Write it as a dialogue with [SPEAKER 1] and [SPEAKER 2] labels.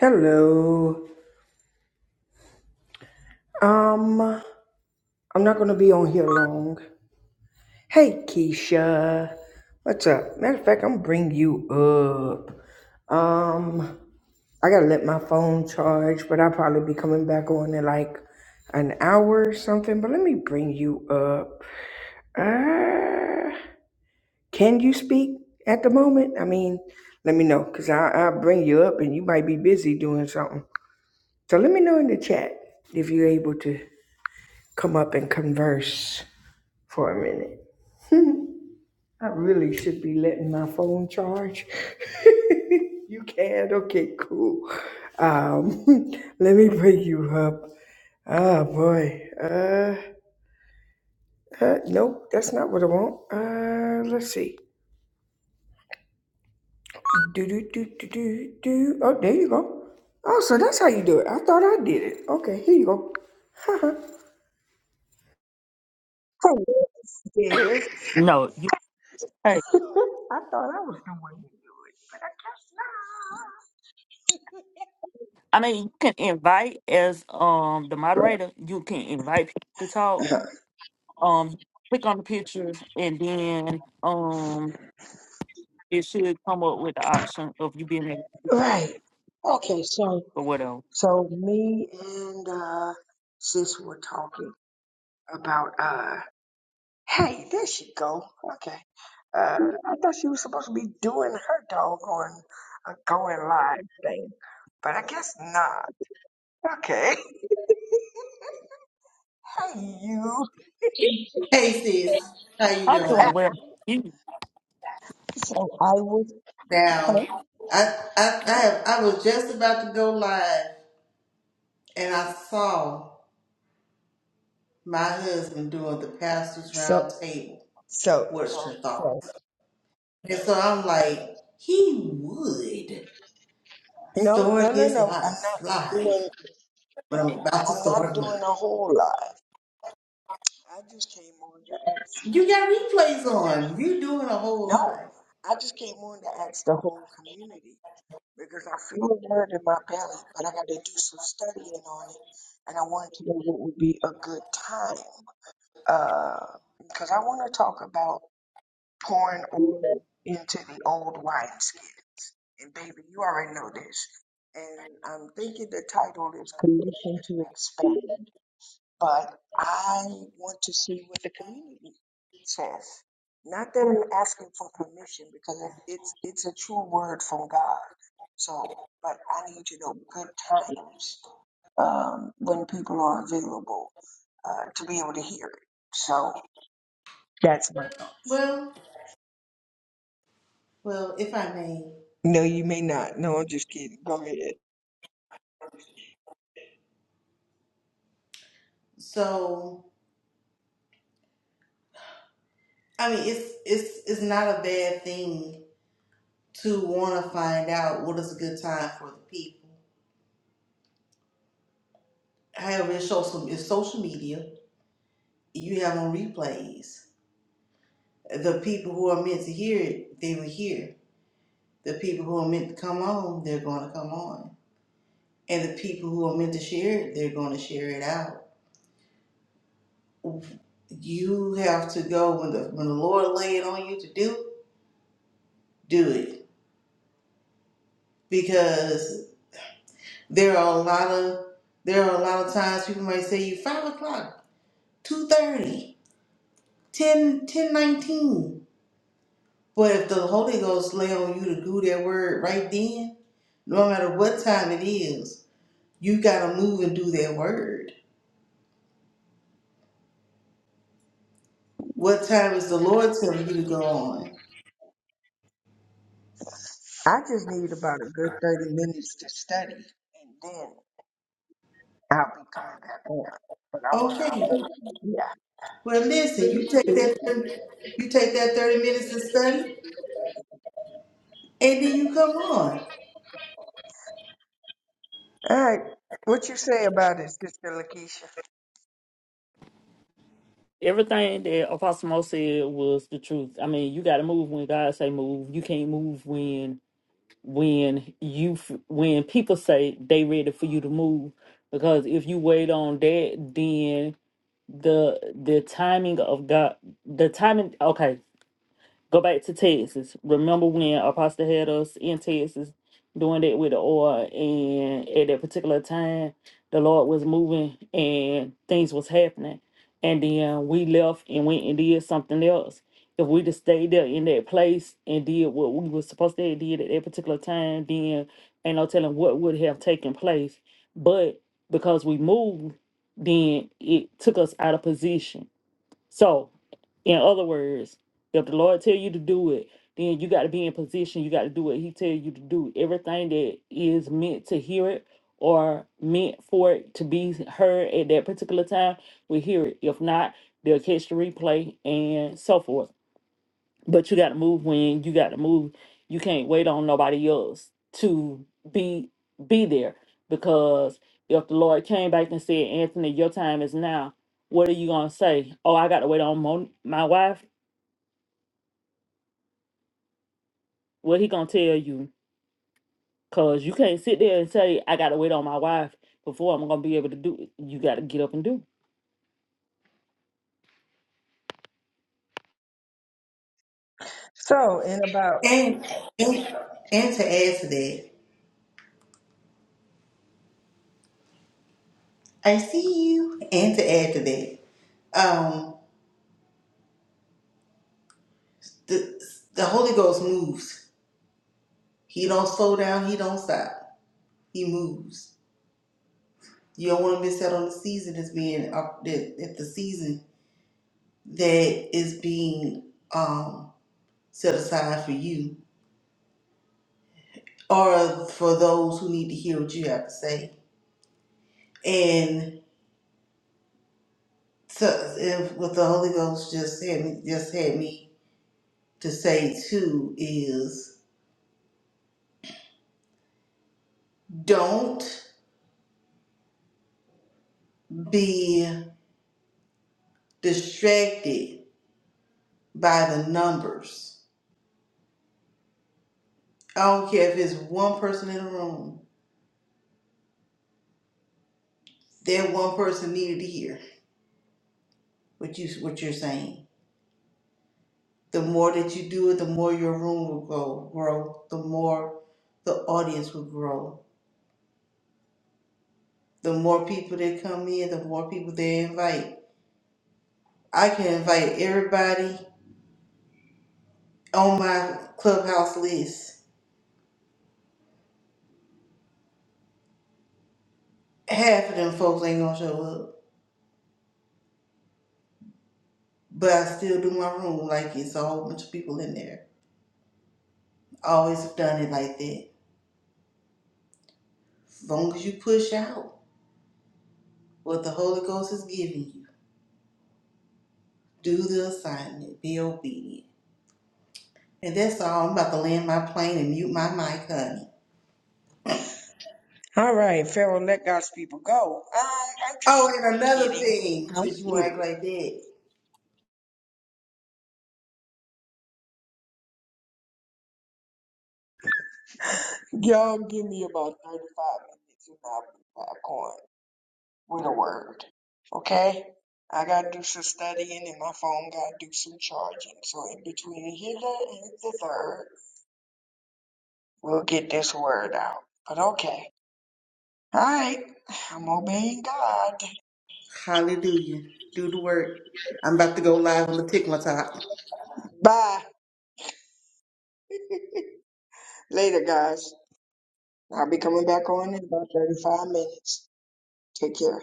[SPEAKER 1] Hello. Um, I'm not gonna be on here long. Hey, Keisha. What's up? Matter of fact, I'm gonna bring you up. Um, I gotta let my phone charge, but I'll probably be coming back on in like an hour or something. But let me bring you up. Uh, can you speak at the moment? I mean, let me know, cause I I'll bring you up, and you might be busy doing something. So let me know in the chat if you're able to. come up and converse for a minute. I really should be letting my phone charge. you can? Okay, cool. Um, let me bring you up. Oh boy. Uh, uh nope, that's not what I want. Uh let's see. Do do do do do do oh there you go. Oh, so that's how you do it. I thought I did it. Okay, here you go. Hello, sis.
[SPEAKER 2] No, you hey,
[SPEAKER 1] I thought I was the one to do it, but
[SPEAKER 2] I mean you can invite as um the moderator, you can invite people to
[SPEAKER 1] I
[SPEAKER 2] talk.
[SPEAKER 1] guess not.
[SPEAKER 2] Um click on the picture and then um it should come up with the option of you being able
[SPEAKER 1] right. Okay, so
[SPEAKER 2] or whatever.
[SPEAKER 1] so me and uh sis were talking about uh hey, there she go. Okay. Uh I thought she was supposed to be doing her doggone uh, going live thing. But I guess not. Okay. hey you.
[SPEAKER 3] Hey sis, how you
[SPEAKER 2] I'm doing
[SPEAKER 3] doing?
[SPEAKER 2] well you
[SPEAKER 1] So I was uh,
[SPEAKER 3] Now, I, I I have I was just about to go live, and I saw my husband doing the pastor's
[SPEAKER 1] so
[SPEAKER 3] round table.
[SPEAKER 1] so
[SPEAKER 3] What's your
[SPEAKER 1] so so
[SPEAKER 3] thoughts? And so I'm like, he would
[SPEAKER 1] No, no,
[SPEAKER 3] start
[SPEAKER 1] no,
[SPEAKER 3] his
[SPEAKER 1] no. I'm not
[SPEAKER 3] last
[SPEAKER 1] doing.
[SPEAKER 3] life, but I'm about to
[SPEAKER 1] I'm not
[SPEAKER 3] start mine.
[SPEAKER 1] doing a whole lot. I just came on to ask.
[SPEAKER 3] You got replays on. You doing a whole
[SPEAKER 1] No,
[SPEAKER 3] live.
[SPEAKER 1] I just came on to ask the whole community because I feel a word in my belly, but I got to do some studying on it, and I wanted to know what would be a good time. Uh, because I want to talk about pouring oil into the old wineskins, and baby, you already know this. And I'm thinking the title is "Commission to Expand." but I want to see what the community says. Not that I'm asking for permission because it- it's it's a true word from God. So, but I need to know good times um, when people are available uh, to be able to hear it. So that's my thought.
[SPEAKER 3] Well, well, if I may.
[SPEAKER 1] No, you may not. No, I'm just kidding. Go ahead.
[SPEAKER 3] So I mean, it's it's it's not a bad thing to want to find out what is a good time for the people. However, it's social, it's social media. You have on replays. The people who are meant to hear it, they will hear. The people who are meant to come on, they're going to come on. And the people who are meant to share it, they're going to share it out. You have to go when the when the Lord lay it on you to do, do it because there are a lot of there are a lot of times people might say you five o'clock, two thirty. 10, 10, 19. But if the Holy Ghost lay on you to do that word right then, no matter what time it is, you gotta move and do that word. What time is the Lord telling you to go on?
[SPEAKER 1] I just need about a good thirty minutes to study, and then I'll be coming back on. But I want, I
[SPEAKER 3] Okay.
[SPEAKER 1] want,
[SPEAKER 3] Well listen, you take that you take that 30 minutes to study and then you come on.
[SPEAKER 1] All right. What you say about it, Sister Lakeisha?
[SPEAKER 2] everything that Apostle Mo said was the truth. I mean you gotta move when God say move. You can't move when when you f- when people say they ready for you to move because if you wait on that the the timing of God, the timing. Okay, Go back to Texas. Remember when Apostle had us in Texas doing that with the oil, and at that particular time, the Lord was moving and things was happening. And then we left and went and did something else. If we just stayed there in that place and did what we was supposed to have did at that particular time, then ain't no telling what would have taken place. But because we moved, then it took us out of position so, in other words, if the Lord tell you to do it, then you got to be in position. You got to do what He tell you to do. Everything that is meant to hear it or meant for it to be heard at that particular time, we hear it. If not, they'll catch the replay and so forth. But you got to move when you got to move. You can't wait on nobody else to be be there because if the Lord came back and said, "Anthony, your time is now," what are you gonna say? Oh, I got to wait on mon- my wife. What he gonna tell you? Cause you can't sit there and say, "I got to wait on my wife before I'm gonna be able to do it." You got to get up and do. it.
[SPEAKER 1] So, in about
[SPEAKER 3] And and and to add to that, I see you. And to add to that, um the the Holy Ghost moves. He don't slow down, he don't stop. He moves. You don't want to miss out on the season that's being up that, that the season that is being um, set aside for you or for those who need to hear what you have to say. And so, if what the Holy Ghost just had me just had me to say too is don't be distracted by the numbers. I don't care if it's one person in the room. That one person needed to hear what you what you're saying The more that you do it, the more your room will grow, grow. The more the audience will grow. The more people that come in, the more people they invite. I can invite everybody on my clubhouse list. Half of them folks ain't gonna show up, but I still do my room like it's a whole bunch of people in there. I always have done it like that. As long as you push out what the Holy Ghost is giving you, do the assignment, be obedient. And that's all. I'm about to land my plane and mute my mic, honey.
[SPEAKER 1] all right, Pharaoh, let God's people go. Um, I'm just,
[SPEAKER 3] Oh, and
[SPEAKER 1] I'm
[SPEAKER 3] another
[SPEAKER 1] kidding.
[SPEAKER 3] thing,
[SPEAKER 1] I'm
[SPEAKER 3] since you want to
[SPEAKER 1] kidding.
[SPEAKER 3] act like that,
[SPEAKER 1] Y'all give me about 35 minutes and I'll be back on with a word. Okay? I gotta do some studying and my phone gotta do some charging. So, in between here and the third, we'll get this word out. But okay. All right. I'm obeying God.
[SPEAKER 3] hallelujah. Do the work. I'm about to go live on the tick my top.
[SPEAKER 1] Bye. Later, guys. I'll be coming back on in about 35 minutes. Take care.